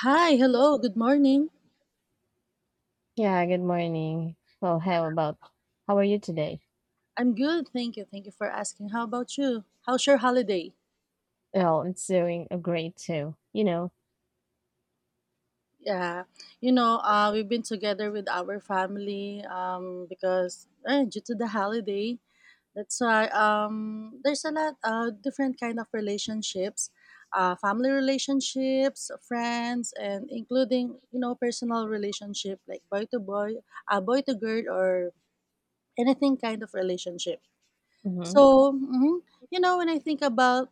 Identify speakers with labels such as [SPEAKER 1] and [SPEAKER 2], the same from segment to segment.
[SPEAKER 1] Hi, hello, good morning.
[SPEAKER 2] Yeah, good morning. Well, how about how are you today?
[SPEAKER 1] I'm good, thank you. Thank you for asking. How about you? How's your holiday?
[SPEAKER 2] Well, it's doing a great too, you know.
[SPEAKER 1] Yeah, you know, we've been together with our family because due to the holiday, that's why there's a lot different kind of relationships, family relationships, friends, and including you know personal relationship like boy to boy, boy to girl, or anything kind of relationship.
[SPEAKER 2] Hmm.
[SPEAKER 1] So, you know, when I think about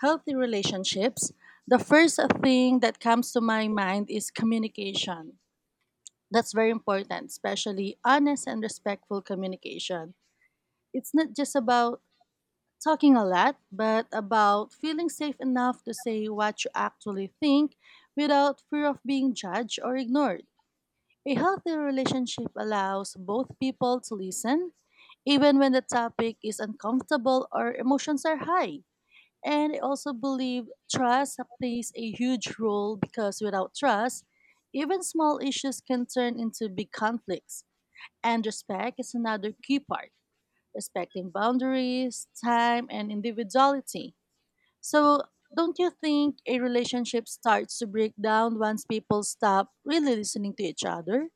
[SPEAKER 1] healthy relationships, the first thing that comes to my mind is communication. That's very important, especially honest and respectful communication. It's not just about talking a lot, but about feeling safe enough to say what you actually think without fear of being judged or ignored. A healthy relationship allows both people to listen, even when the topic is uncomfortable or emotions are high. And I also believe trust plays a huge role because without trust, even small issues can turn into big conflicts. And respect is another key part, respecting boundaries, time, and individuality. So, don't you think a relationship starts to break down once people stop really listening to each other?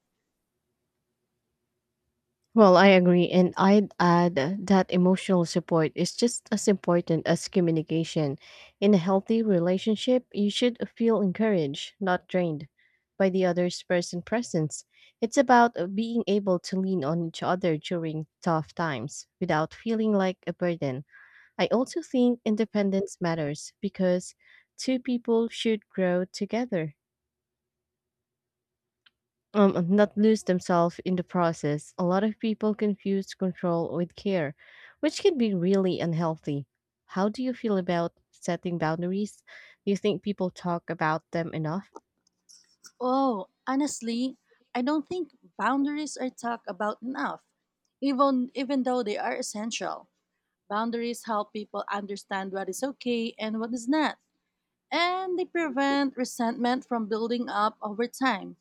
[SPEAKER 2] Well, I agree, and I'd add that emotional support is just as important as communication. In a healthy relationship, you should feel encouraged, not drained, by the other person's presence. It's about being able to lean on each other during tough times without feeling like a burden. I also think independence matters because two people should grow together, and not lose themselves in the process. A lot of people confuse control with care, which can be really unhealthy. How do you feel about setting boundaries? Do you think people talk about them enough?
[SPEAKER 1] Oh, honestly, I don't think boundaries are talked about enough, even though they are essential. Boundaries help people understand what is okay and what is not, and they prevent resentment from building up over time.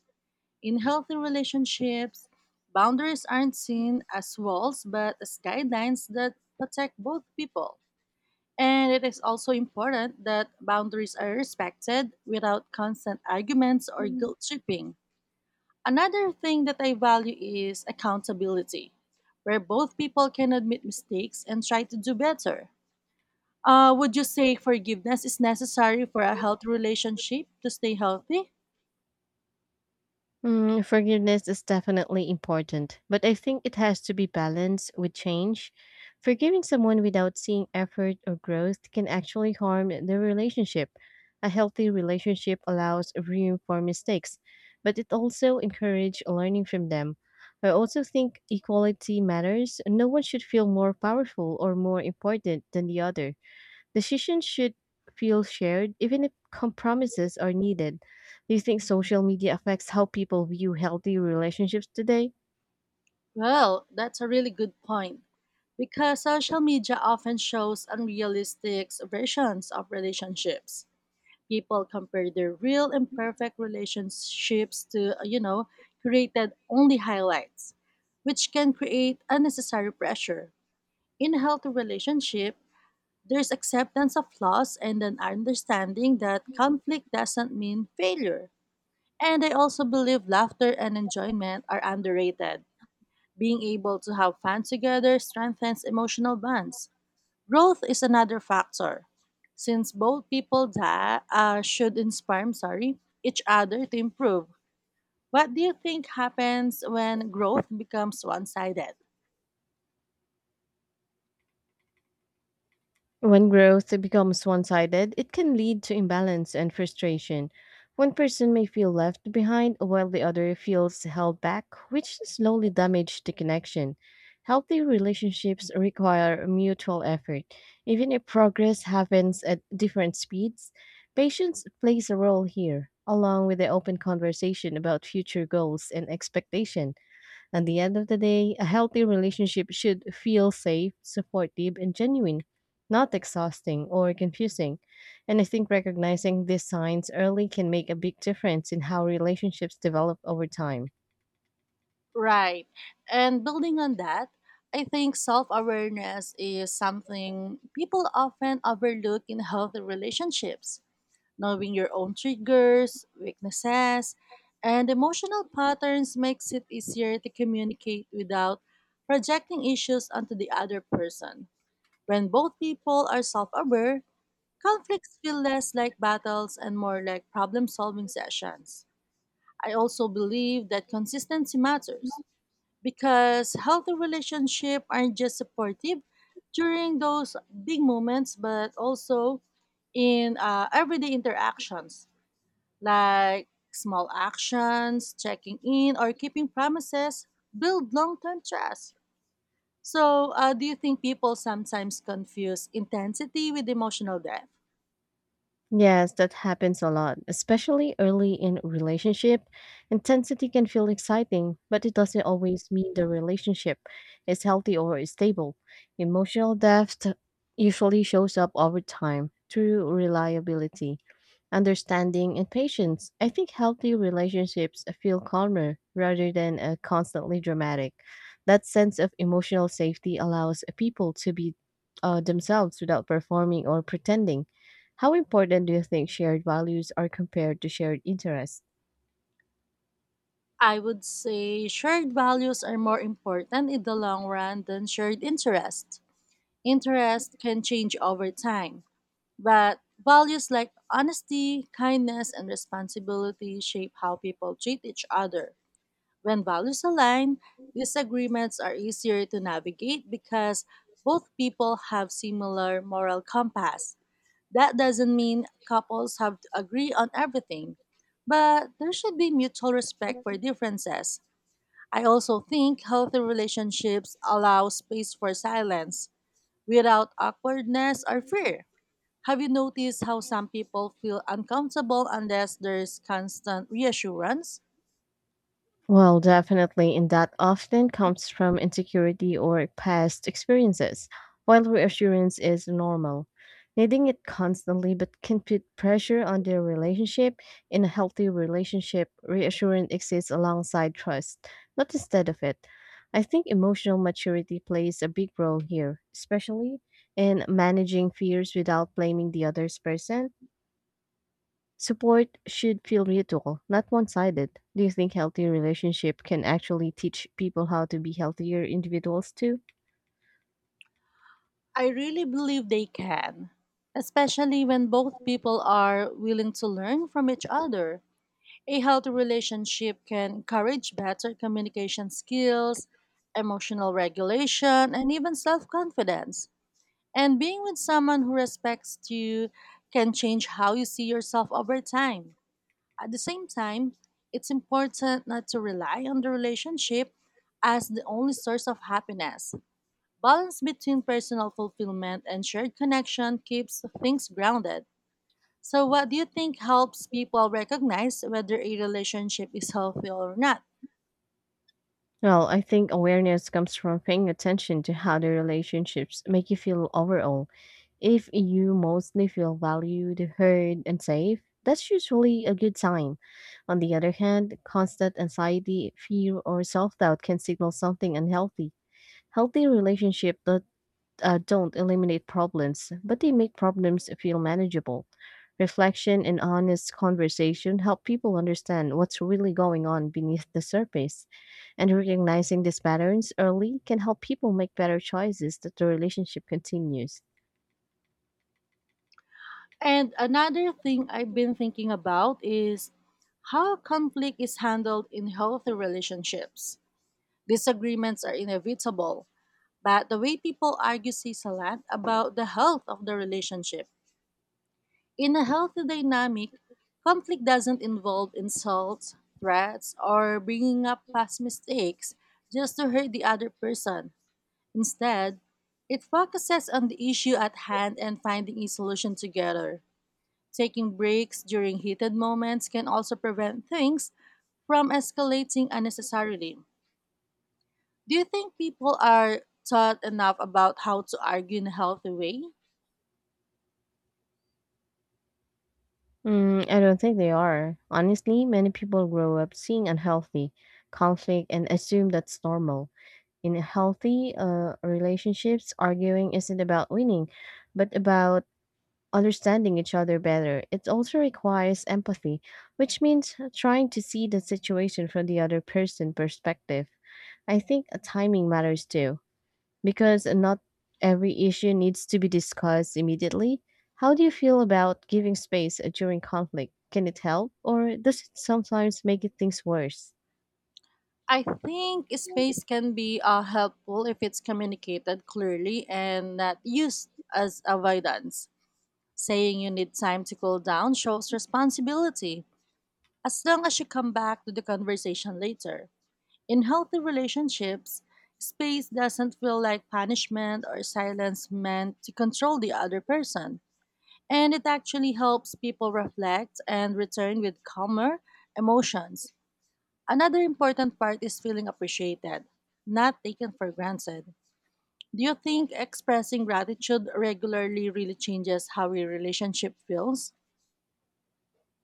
[SPEAKER 1] In healthy relationships, boundaries aren't seen as walls but as guidelines that protect both people. And it is also important that boundaries are respected without constant arguments or guilt tripping. Another thing that I value is accountability, where both people can admit mistakes and try to do better. Would you say forgiveness is necessary for a healthy relationship to stay healthy?
[SPEAKER 2] Forgiveness is definitely important, but I think it has to be balanced with change. Forgiving someone without seeing effort or growth can actually harm the relationship. A healthy relationship allows room for mistakes, but it also encourages learning from them. I also think equality matters. No one should feel more powerful or more important than the other. Decisions should feel shared, even if compromises are needed. Do you think social media affects how people view healthy relationships today?
[SPEAKER 1] Well, that's a really good point. Because social media often shows unrealistic versions of relationships. People compare their real and perfect relationships to, you know, created only highlights, which can create unnecessary pressure. In a healthy relationship, there's acceptance of flaws and an understanding that conflict doesn't mean failure. And I also believe laughter and enjoyment are underrated. Being able to have fun together strengthens emotional bonds. Growth is another factor. Since both people that should inspire, I'm sorry, each other to improve. What do you think happens when growth becomes one-sided?
[SPEAKER 2] When growth becomes one sided, it can lead to imbalance and frustration. One person may feel left behind while the other feels held back, which slowly damages the connection. Healthy relationships require mutual effort. Even if progress happens at different speeds, patience plays a role here, along with the open conversation about future goals and expectation. At the end of the day, a healthy relationship should feel safe, supportive, and genuine, not exhausting or confusing. And I think recognizing these signs early can make a big difference in how relationships develop over time.
[SPEAKER 1] Right. And building on that, I think self-awareness is something people often overlook in healthy relationships. Knowing your own triggers, weaknesses, and emotional patterns makes it easier to communicate without projecting issues onto the other person. When both people are self aware, conflicts feel less like battles and more like problem solving sessions. I also believe that consistency matters because healthy relationships aren't just supportive during those big moments, but also in everyday interactions like small actions, checking in, or keeping promises build long term trust. So, do you think people sometimes confuse intensity with emotional depth?
[SPEAKER 2] Yes, that happens a lot, especially early in a relationship. Intensity can feel exciting, but it doesn't always mean the relationship is healthy or is stable. Emotional depth usually shows up over time through reliability understanding, and patience. I think healthy relationships feel calmer rather than constantly dramatic. That sense of emotional safety allows people to be themselves without performing or pretending. How important do you think shared values are compared to shared interests?
[SPEAKER 1] I would say shared values are more important in the long run than shared interest. Interest can change over time, but values like honesty, kindness, and responsibility shape how people treat each other. When values align, disagreements are easier to navigate because both people have similar moral compass. That doesn't mean couples have to agree on everything, but there should be mutual respect for differences. I also think healthy relationships allow space for silence without awkwardness or fear. Have you noticed how some people feel uncomfortable unless there's constant reassurance?
[SPEAKER 2] Well, definitely, and that often comes from insecurity or past experiences, while reassurance is normal. Needing it constantly but can put pressure on their relationship. In a healthy relationship, reassurance exists alongside trust, not instead of it. I think emotional maturity plays a big role here, especially in managing fears without blaming the other person. Support should feel mutual, not one sided. Do you think healthy relationship can actually teach people how to be healthier individuals too?
[SPEAKER 1] I really believe they can, especially when both people are willing to learn from each other. A healthy relationship can encourage better communication skills, emotional regulation, and even self confidence. And being with someone who respects you can change how you see yourself over time. At the same time, it's important not to rely on the relationship as the only source of happiness. Balance between personal fulfillment and shared connection keeps things grounded. So, what do you think helps people recognize whether a relationship is healthy or not?
[SPEAKER 2] Well, I think awareness comes from paying attention to how the relationships make you feel overall. If you mostly feel valued, heard, and safe, that's usually a good sign. On the other hand, constant anxiety, fear, or self doubt can signal something unhealthy. Healthy relationship does don't eliminate problems, but they make problems feel manageable. Reflection and honest conversation help people understand what's really going on beneath the surface. And recognizing these patterns early can help people make better choices that the relationship continues.
[SPEAKER 1] And another thing I've been thinking about is how conflict is handled in healthy relationships. Disagreements are inevitable, but the way people argue says a lot about the health of the relationship. In a healthy dynamic, conflict doesn't involve insults, threats, or bringing up past mistakes just to hurt the other person. Instead, it focuses on the issue at hand and finding a solution together. Taking breaks during heated moments can also prevent things from escalating unnecessarily. Do you think people are taught enough about how to argue in a healthy way?
[SPEAKER 2] I don't think they are. Honestly, many people grow up seeing unhealthy conflict and assume that's normal. In healthy relationships, arguing isn't about winning, but about understanding each other better. It also requires empathy, which means trying to see the situation from the other person's perspective. I think timing matters too, because not every issue needs to be discussed immediately. How do you feel about giving space during conflict? Can it help, or does it sometimes make it things worse?
[SPEAKER 1] I think space can be helpful if it's communicated clearly and not used as avoidance. Saying you need time to cool down shows responsibility, as long as you come back to the conversation later. In healthy relationships, space doesn't feel like punishment or silence meant to control the other person, and it actually helps people reflect and return with calmer emotions. Another important part is feeling appreciated, not taken for granted. Do you think expressing gratitude regularly really changes how your relationship feels?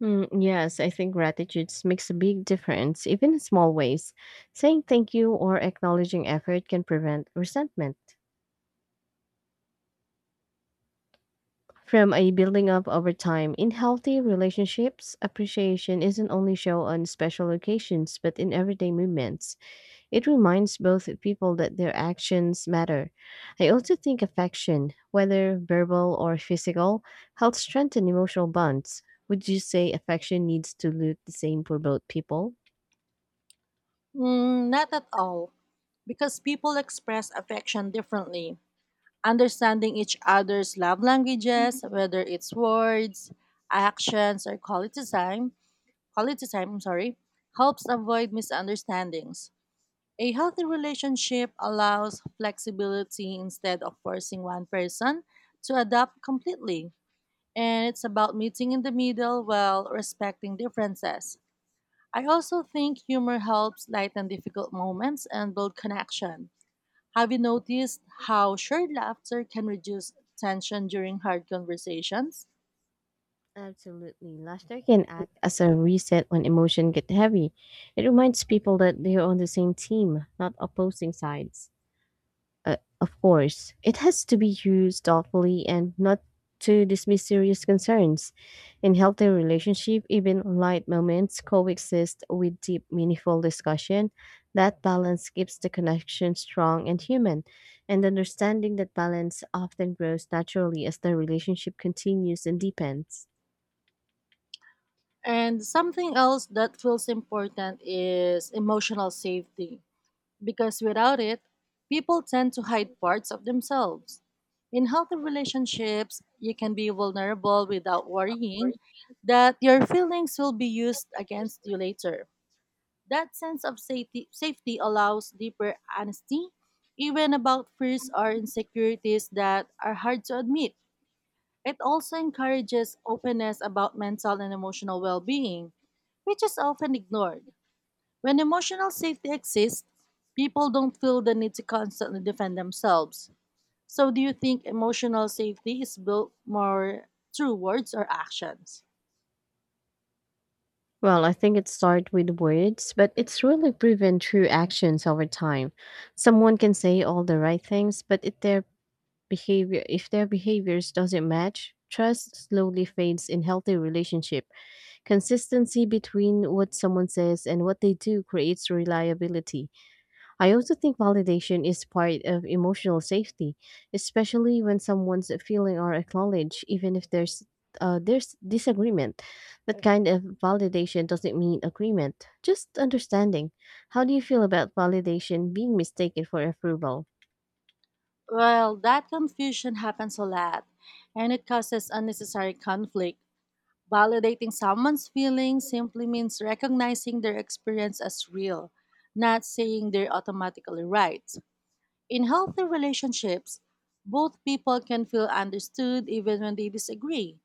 [SPEAKER 2] Yes, I think gratitude makes a big difference, even in small ways. Saying thank you or acknowledging effort can prevent resentment from a building up over time. In healthy relationships, appreciation isn't only shown on special occasions but in everyday movements. It reminds both people that their actions matter. I also think affection, whether verbal or physical, helps strengthen emotional bonds. Would you say affection needs to look the same for both people?
[SPEAKER 1] Mm, not at all, because people express affection differently. Understanding each other's love languages, whether it's words, actions, or quality time, I'm sorry, helps avoid misunderstandings. A healthy relationship allows flexibility instead of forcing one person to adapt completely, and it's about meeting in the middle while respecting differences. I also think humor helps lighten difficult moments and build connection. Have you noticed how shared laughter can reduce tension during hard conversations?
[SPEAKER 2] Absolutely. Laughter can act as a reset when emotion get heavy. It reminds people that they are on the same team, not opposing sides. Of course, it has to be used thoughtfully and not to dismiss serious concerns. In healthy relationship, even light moments coexist with deep, meaningful discussion. That balance keeps the connection strong and human, and understanding that balance often grows naturally as the relationship continues and deepens.
[SPEAKER 1] And something else that feels important is emotional safety. Because without it, people tend to hide parts of themselves. In healthy relationships, you can be vulnerable without worrying that your feelings will be used against you later. That sense of safety, allows deeper honesty, even about fears or insecurities that are hard to admit. It also encourages openness about mental and emotional well being, which is often ignored. When emotional safety exists, people don't feel the need to constantly defend themselves. So, do you think emotional safety is built more through words or actions?
[SPEAKER 2] Well, I think it starts with words, but it's really proven through actions over time. Someone can say all the right things, but if their behaviors doesn't match trust slowly fades in healthy relationship consistency between what someone says and what they do creates reliability. I also think validation is part of emotional safety, especially when someone's feeling are acknowledged even if there's disagreement. That kind of validation doesn't mean agreement, just understanding. How do you feel about validation being mistaken for approval?
[SPEAKER 1] Well, that confusion happens a lot, and it causes unnecessary conflict. Validating someone's feelings simply means recognizing their experience as real, not saying they're automatically right. In healthy relationships, both people can feel understood even when they disagree.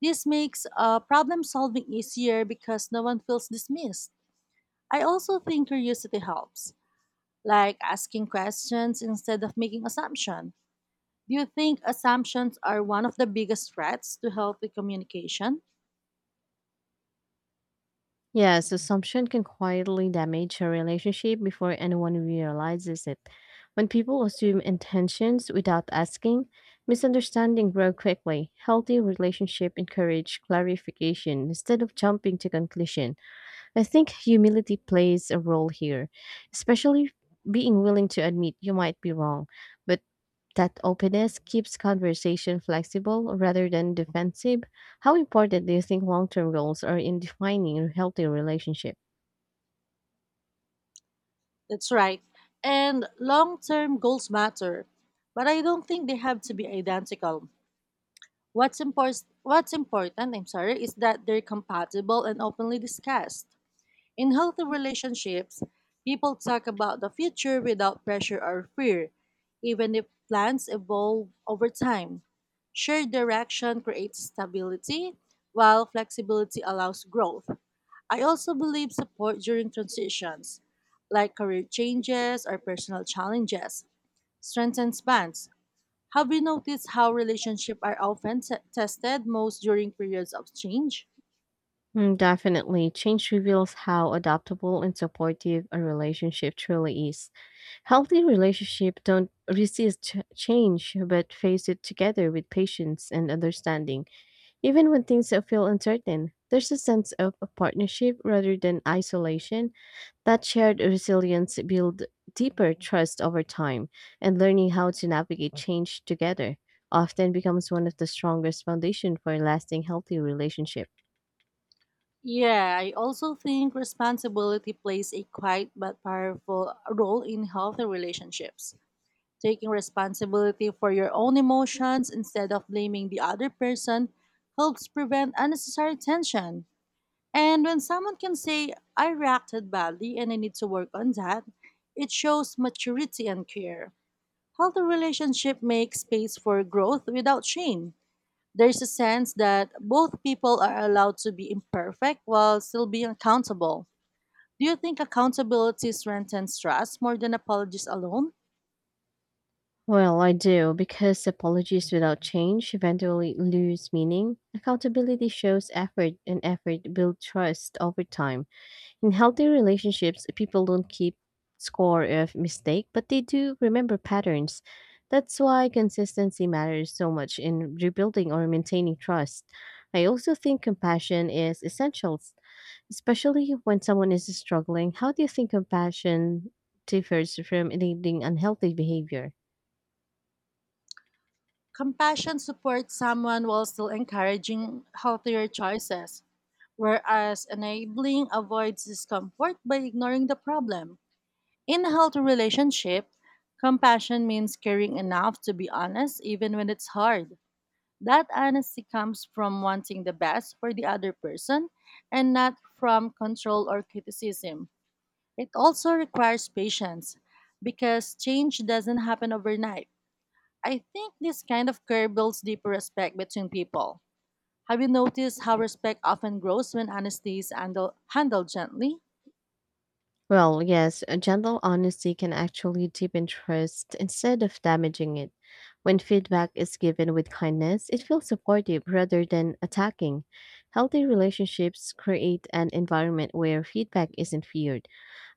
[SPEAKER 1] This makes problem solving easier because no one feels dismissed. I also think curiosity helps, like asking questions instead of making assumptions. Do you think assumptions are one of the biggest threats to healthy communication?
[SPEAKER 2] Yes, assumption can quietly damage a relationship before anyone realizes it. When people assume intentions without asking, misunderstanding grow quickly. Healthy relationship encourage clarification instead of jumping to conclusion. I think humility plays a role here, especially being willing to admit you might be wrong, but that openness keeps conversation flexible rather than defensive. How important do you think long term goals are in defining a healthy relationship?
[SPEAKER 1] That's right. And long term goals matter, but I don't think they have to be identical. What's important, I'm sorry, is that they're compatible and openly discussed. In healthy relationships, people talk about the future without pressure or fear, even if plans evolve over time. Shared direction creates stability, while flexibility allows growth. I also believe support during transitions, like career changes or personal challenges, strengthens bonds. Have you noticed how relationships are often tested most during periods of change?
[SPEAKER 2] Definitely, change reveals how adaptable and supportive a relationship truly is. Healthy relationships don't resist change but face it together with patience and understanding. Even when things feel uncertain, there's a sense of partnership rather than isolation. That shared resilience build deeper trust over time, and learning how to navigate change together often becomes one of the strongest foundation for a lasting healthy relationship.
[SPEAKER 1] Yeah, I also think responsibility plays a quiet but powerful role in healthy relationships. Taking responsibility for your own emotions instead of blaming the other person helps prevent unnecessary tension. And when someone can say, I reacted badly and I need to work on that, it shows maturity and care. Healthy relationship makes space for growth without shame. There's a sense that both people are allowed to be imperfect while still being accountable. Do you think accountability strengthens trust more than apologies alone?
[SPEAKER 2] Well, I do because apologies without change eventually lose meaning. Accountability shows effort and effort builds trust over time. In healthy relationships, people don't keep score of mistake, but they do remember patterns. That's why consistency matters so much in rebuilding or maintaining trust. I also think compassion is essential, especially when someone is struggling. How do you think compassion differs from enabling unhealthy behavior?
[SPEAKER 1] Compassion supports someone while still encouraging healthier choices, whereas enabling avoids discomfort by ignoring the problem. In a healthy relationship, compassion means caring enough to be honest even when it's hard. That honesty comes from wanting the best for the other person and not from control or criticism. It also requires patience because change doesn't happen overnight. I think this kind of care builds deeper respect between people. Have you noticed how respect often grows when honesty is handled gently?
[SPEAKER 2] Well, yes, a gentle honesty can actually deepen trust instead of damaging it. When feedback is given with kindness, it feels supportive rather than attacking. Healthy relationships create an environment where feedback isn't feared.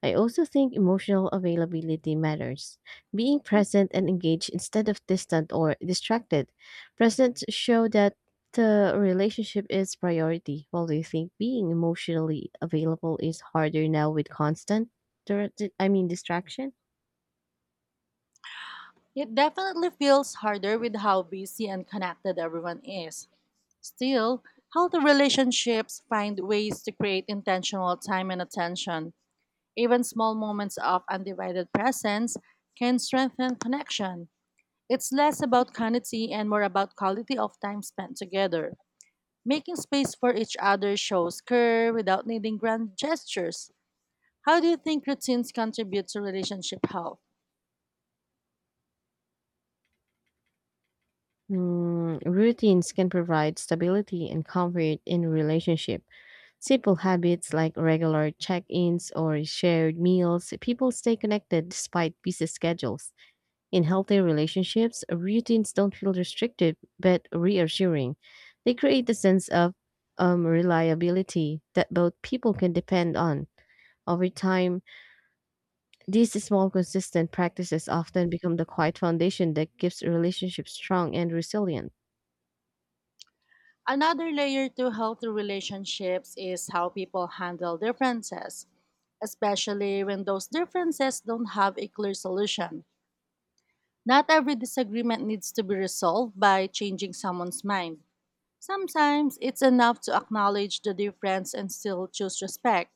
[SPEAKER 2] I also think emotional availability matters. Being present and engaged instead of distant or distracted. Presence show that the relationship is priority. While do you think being emotionally available is harder now with constant, distraction?
[SPEAKER 1] It definitely feels harder with how busy and connected everyone is. Still, healthy relationships find ways to create intentional time and attention. Even small moments of undivided presence can strengthen connection. It's less about quantity and more about quality of time spent together. Making space for each other shows care without needing grand gestures. How do you think routines contribute to relationship health?
[SPEAKER 2] Routines can provide stability and comfort in a relationship. Simple habits like regular check-ins or shared meals, people stay connected despite busy schedules. In healthy relationships, routines don't feel restrictive but reassuring. They create a sense of reliability that both people can depend on. Over time, these small, consistent practices often become the quiet foundation that keeps relationships strong and resilient.
[SPEAKER 1] Another layer to healthy relationships is how people handle differences, especially when those differences don't have a clear solution. Not every disagreement needs to be resolved by changing someone's mind. Sometimes it's enough to acknowledge the difference and still choose respect.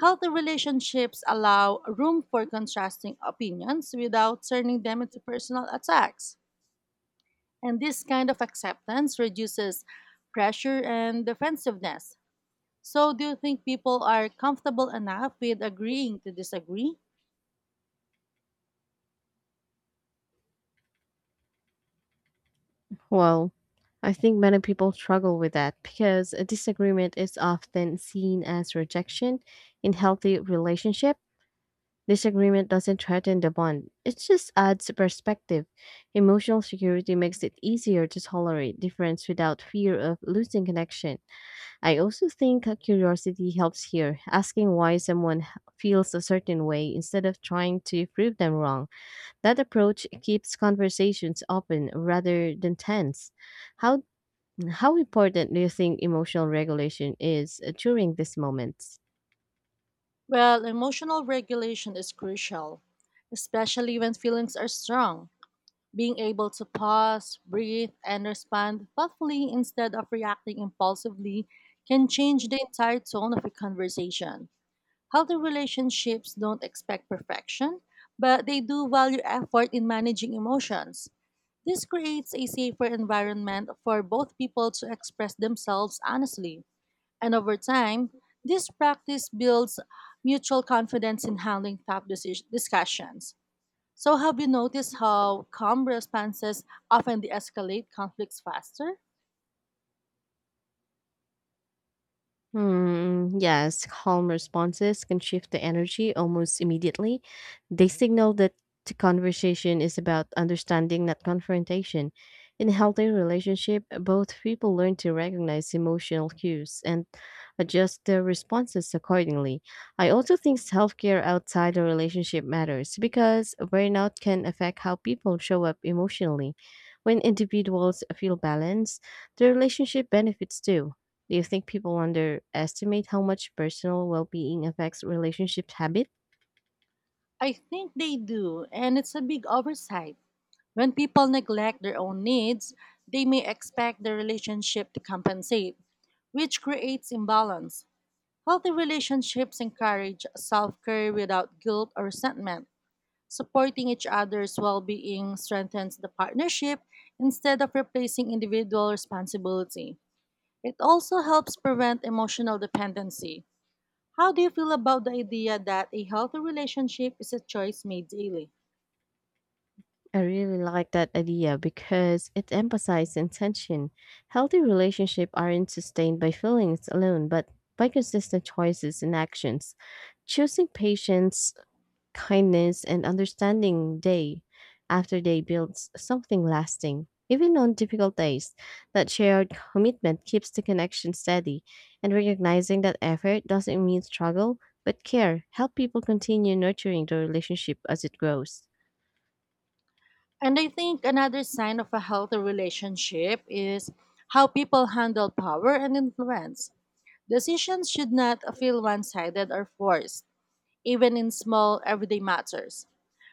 [SPEAKER 1] Healthy relationships allow room for contrasting opinions without turning them into personal attacks. And this kind of acceptance reduces pressure and defensiveness. So, do you think people are comfortable enough with agreeing to disagree?
[SPEAKER 2] Well, I think many people struggle with that because a disagreement is often seen as rejection in healthy relationships. This agreement doesn't threaten the bond, it just adds perspective. Emotional security makes it easier to tolerate difference without fear of losing connection. I also think a curiosity helps here, asking why someone feels a certain way instead of trying to prove them wrong. That approach keeps conversations open rather than tense. How, how important do you think emotional regulation is during these moments?
[SPEAKER 1] Well, emotional regulation is crucial, especially when feelings are strong. Being able to pause, breathe, and respond thoughtfully instead of reacting impulsively can change the entire tone of a conversation. Healthy relationships don't expect perfection, but they do value effort in managing emotions. This creates a safer environment for both people to express themselves honestly. And over time, this practice builds mutual confidence in handling tough discussions. So, have you noticed how calm responses often de escalate conflicts faster?
[SPEAKER 2] Hmm, yes, calm responses can shift the energy almost immediately. They signal that the conversation is about understanding, not confrontation. In a healthy relationship, both people learn to recognize emotional cues and adjust their responses accordingly. I also think self care outside the relationship matters because burnout can affect how people show up emotionally. When individuals feel balanced, the relationship benefits too. Do you think people underestimate how much personal well being affects relationship habit?
[SPEAKER 1] I think they do, and it's a big oversight. When people neglect their own needs, they may expect the relationship to compensate, which creates imbalance. Healthy relationships encourage self care without guilt or resentment. Supporting each other's well being strengthens the partnership instead of replacing individual responsibility. It also helps prevent emotional dependency. How do you feel about the idea that a healthy relationship is a choice made daily?
[SPEAKER 2] I really like that idea because it emphasizes intention. Healthy relationships aren't sustained by feelings alone, but by consistent choices and actions. Choosing patience, kindness, and understanding day after day builds something lasting. Even on difficult days, that shared commitment keeps the connection steady, and recognizing that effort doesn't mean struggle, but care, help people continue nurturing the relationship as it grows.
[SPEAKER 1] And I think another sign of a healthy relationship is how people handle power and influence. Decisions should not feel one sided or forced, even in small everyday matters.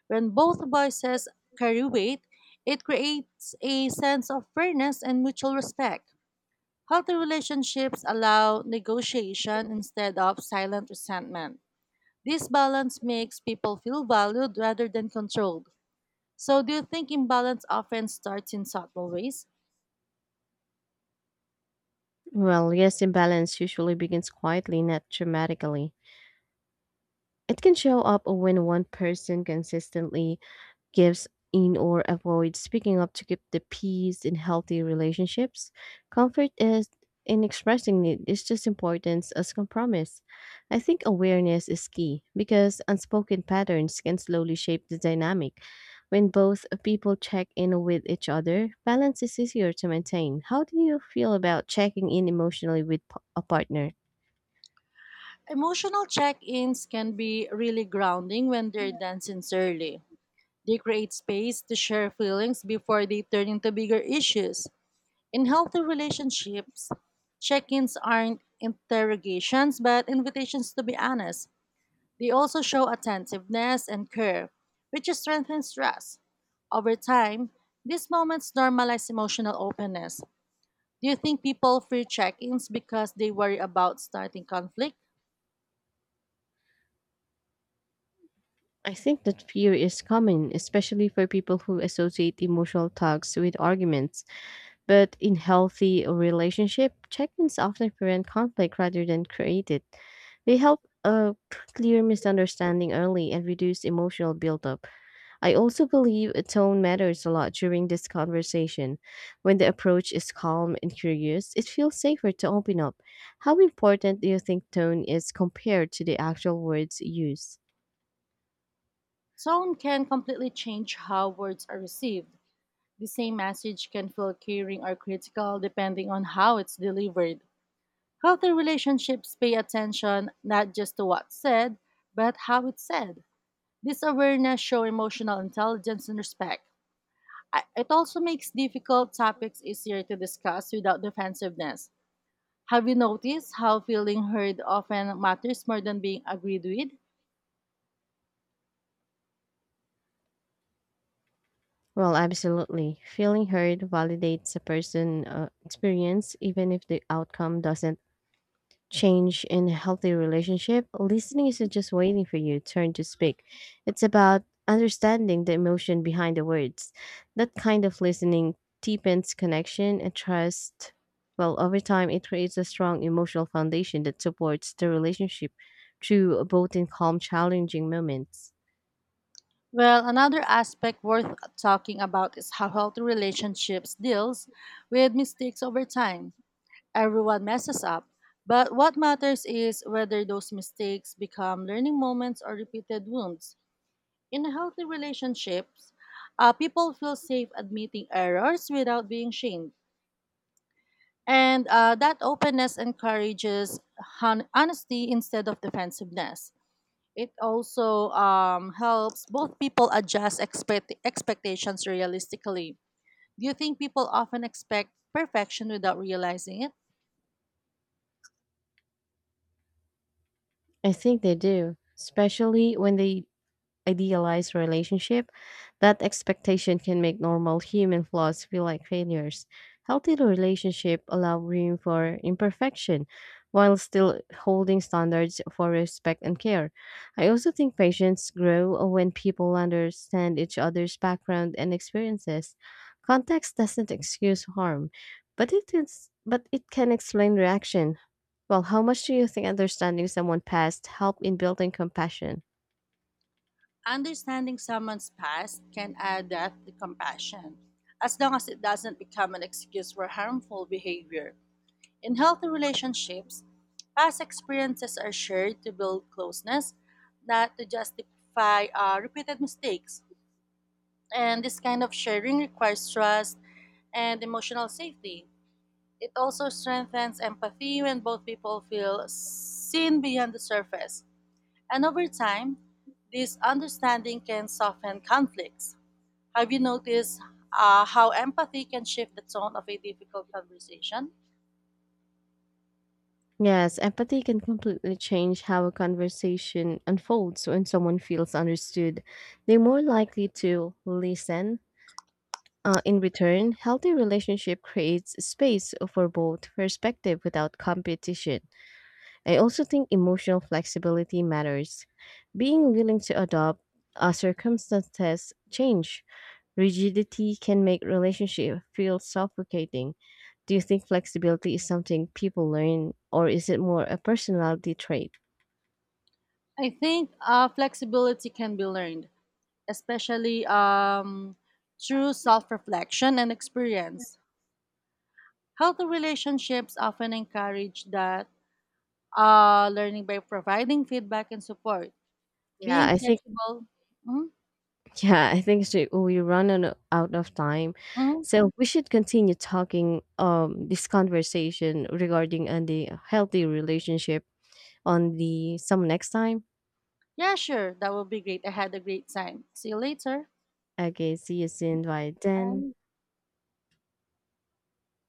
[SPEAKER 1] When both voices carry weight, it creates a sense of fairness and mutual respect. Healthy relationships allow negotiation instead of silent resentment. This balance makes people feel valued rather than controlled. So, do you think imbalance often starts in subtle ways?
[SPEAKER 2] Well, yes, imbalance usually begins quietly, not dramatically. It can show up when one person consistently gives in or avoids speaking up to keep the peace in healthy relationships. Comfort is in expressing it is just importance as compromise. I think awareness is key because unspoken patterns can slowly shape the dynamic. When both people check in with each other, balance is easier to maintain. How do you feel about checking in emotionally with a partner?
[SPEAKER 1] Emotional check ins can be really grounding when they're done sincerely. They create space to share feelings before they turn into bigger issues. In healthy relationships, check ins aren't interrogations but invitations to be honest. They also show attentiveness and care, which strengthens trust. Over time, these moments normalize emotional openness. Do you think people fear check ins because they worry about starting conflict?
[SPEAKER 2] I think that fear is common, especially for people who associate emotional talks with arguments. But in healthy relationship, check-ins often prevent conflict rather than create it. They help clear misunderstanding early and reduce emotional buildup. I also believe a tone matters a lot during this conversation. When the approach is calm and curious, it feels safer to open up. How important do you think tone is compared to the actual words used?
[SPEAKER 1] Tone can completely change how words are received. The same message can feel caring or critical depending on how it's delivered. Healthy relationships pay attention not just to what's said, but how it's said. This awareness shows emotional intelligence and respect. It also makes difficult topics easier to discuss without defensiveness. Have you noticed how feeling heard often matters more than being agreed with?
[SPEAKER 2] Well, absolutely. Feeling heard validates a person's experience, even if the outcome doesn't change in a healthy relationship, listening isn't just waiting for your turn to speak. It's about understanding the emotion behind the words. That kind of listening deepens connection and trust. Well, over time, it creates a strong emotional foundation that supports the relationship through both in calm, challenging moments.
[SPEAKER 1] Well, another aspect worth talking about is how healthy relationships deals with mistakes over time. Everyone messes up, but what matters is whether those mistakes become learning moments or repeated wounds. In healthy relationships, people feel safe admitting errors without being shamed. And that openness encourages honesty instead of defensiveness. It also helps both people adjust expectations realistically. Do you think people often expect perfection without realizing it?
[SPEAKER 2] I think they do, especially when they idealized relationship, that expectation can make normal human flaws feel like failures. Healthy relationship allow room for imperfection while still holding standards for respect and care. I also think patients grow when people understand each other's background and experiences. Context doesn't excuse harm, but it can explain reaction. Well, how much do you think understanding someone's past help in building compassion?
[SPEAKER 1] Understanding someone's past can add depth to compassion, as long as it doesn't become an excuse for harmful behavior. In healthy relationships, past experiences are shared to build closeness, not to justify repeated mistakes. And this kind of sharing requires trust and emotional safety. It also strengthens empathy when both people feel seen beyond the surface. And over time, this understanding can soften conflicts. Have you noticed how empathy can shift the tone of a difficult conversation?
[SPEAKER 2] Yes, empathy can completely change how a conversation unfolds when someone feels understood. They're more likely to listen. In return, healthy relationship creates space for both perspective without competition. I also think emotional flexibility matters. Being willing to adopt circumstances change. Rigidity can make relationship feel suffocating. Do you think flexibility is something people learn or is it more a personality trait?
[SPEAKER 1] I think flexibility can be learned, especially through self reflection and experience. Healthy relationships often encourage that learning by providing feedback and support.
[SPEAKER 2] Yeah,
[SPEAKER 1] Being
[SPEAKER 2] I think
[SPEAKER 1] flexible. Mm,
[SPEAKER 2] yeah, I think so. We run on, out of time.
[SPEAKER 1] mm.
[SPEAKER 2] So we should continue talking this conversation regarding on the healthy relationship on the some next time.
[SPEAKER 1] Yeah, sure. That would be great. I had a great time. See you later.
[SPEAKER 2] Okay, see you soon. Bye then.
[SPEAKER 1] Bye.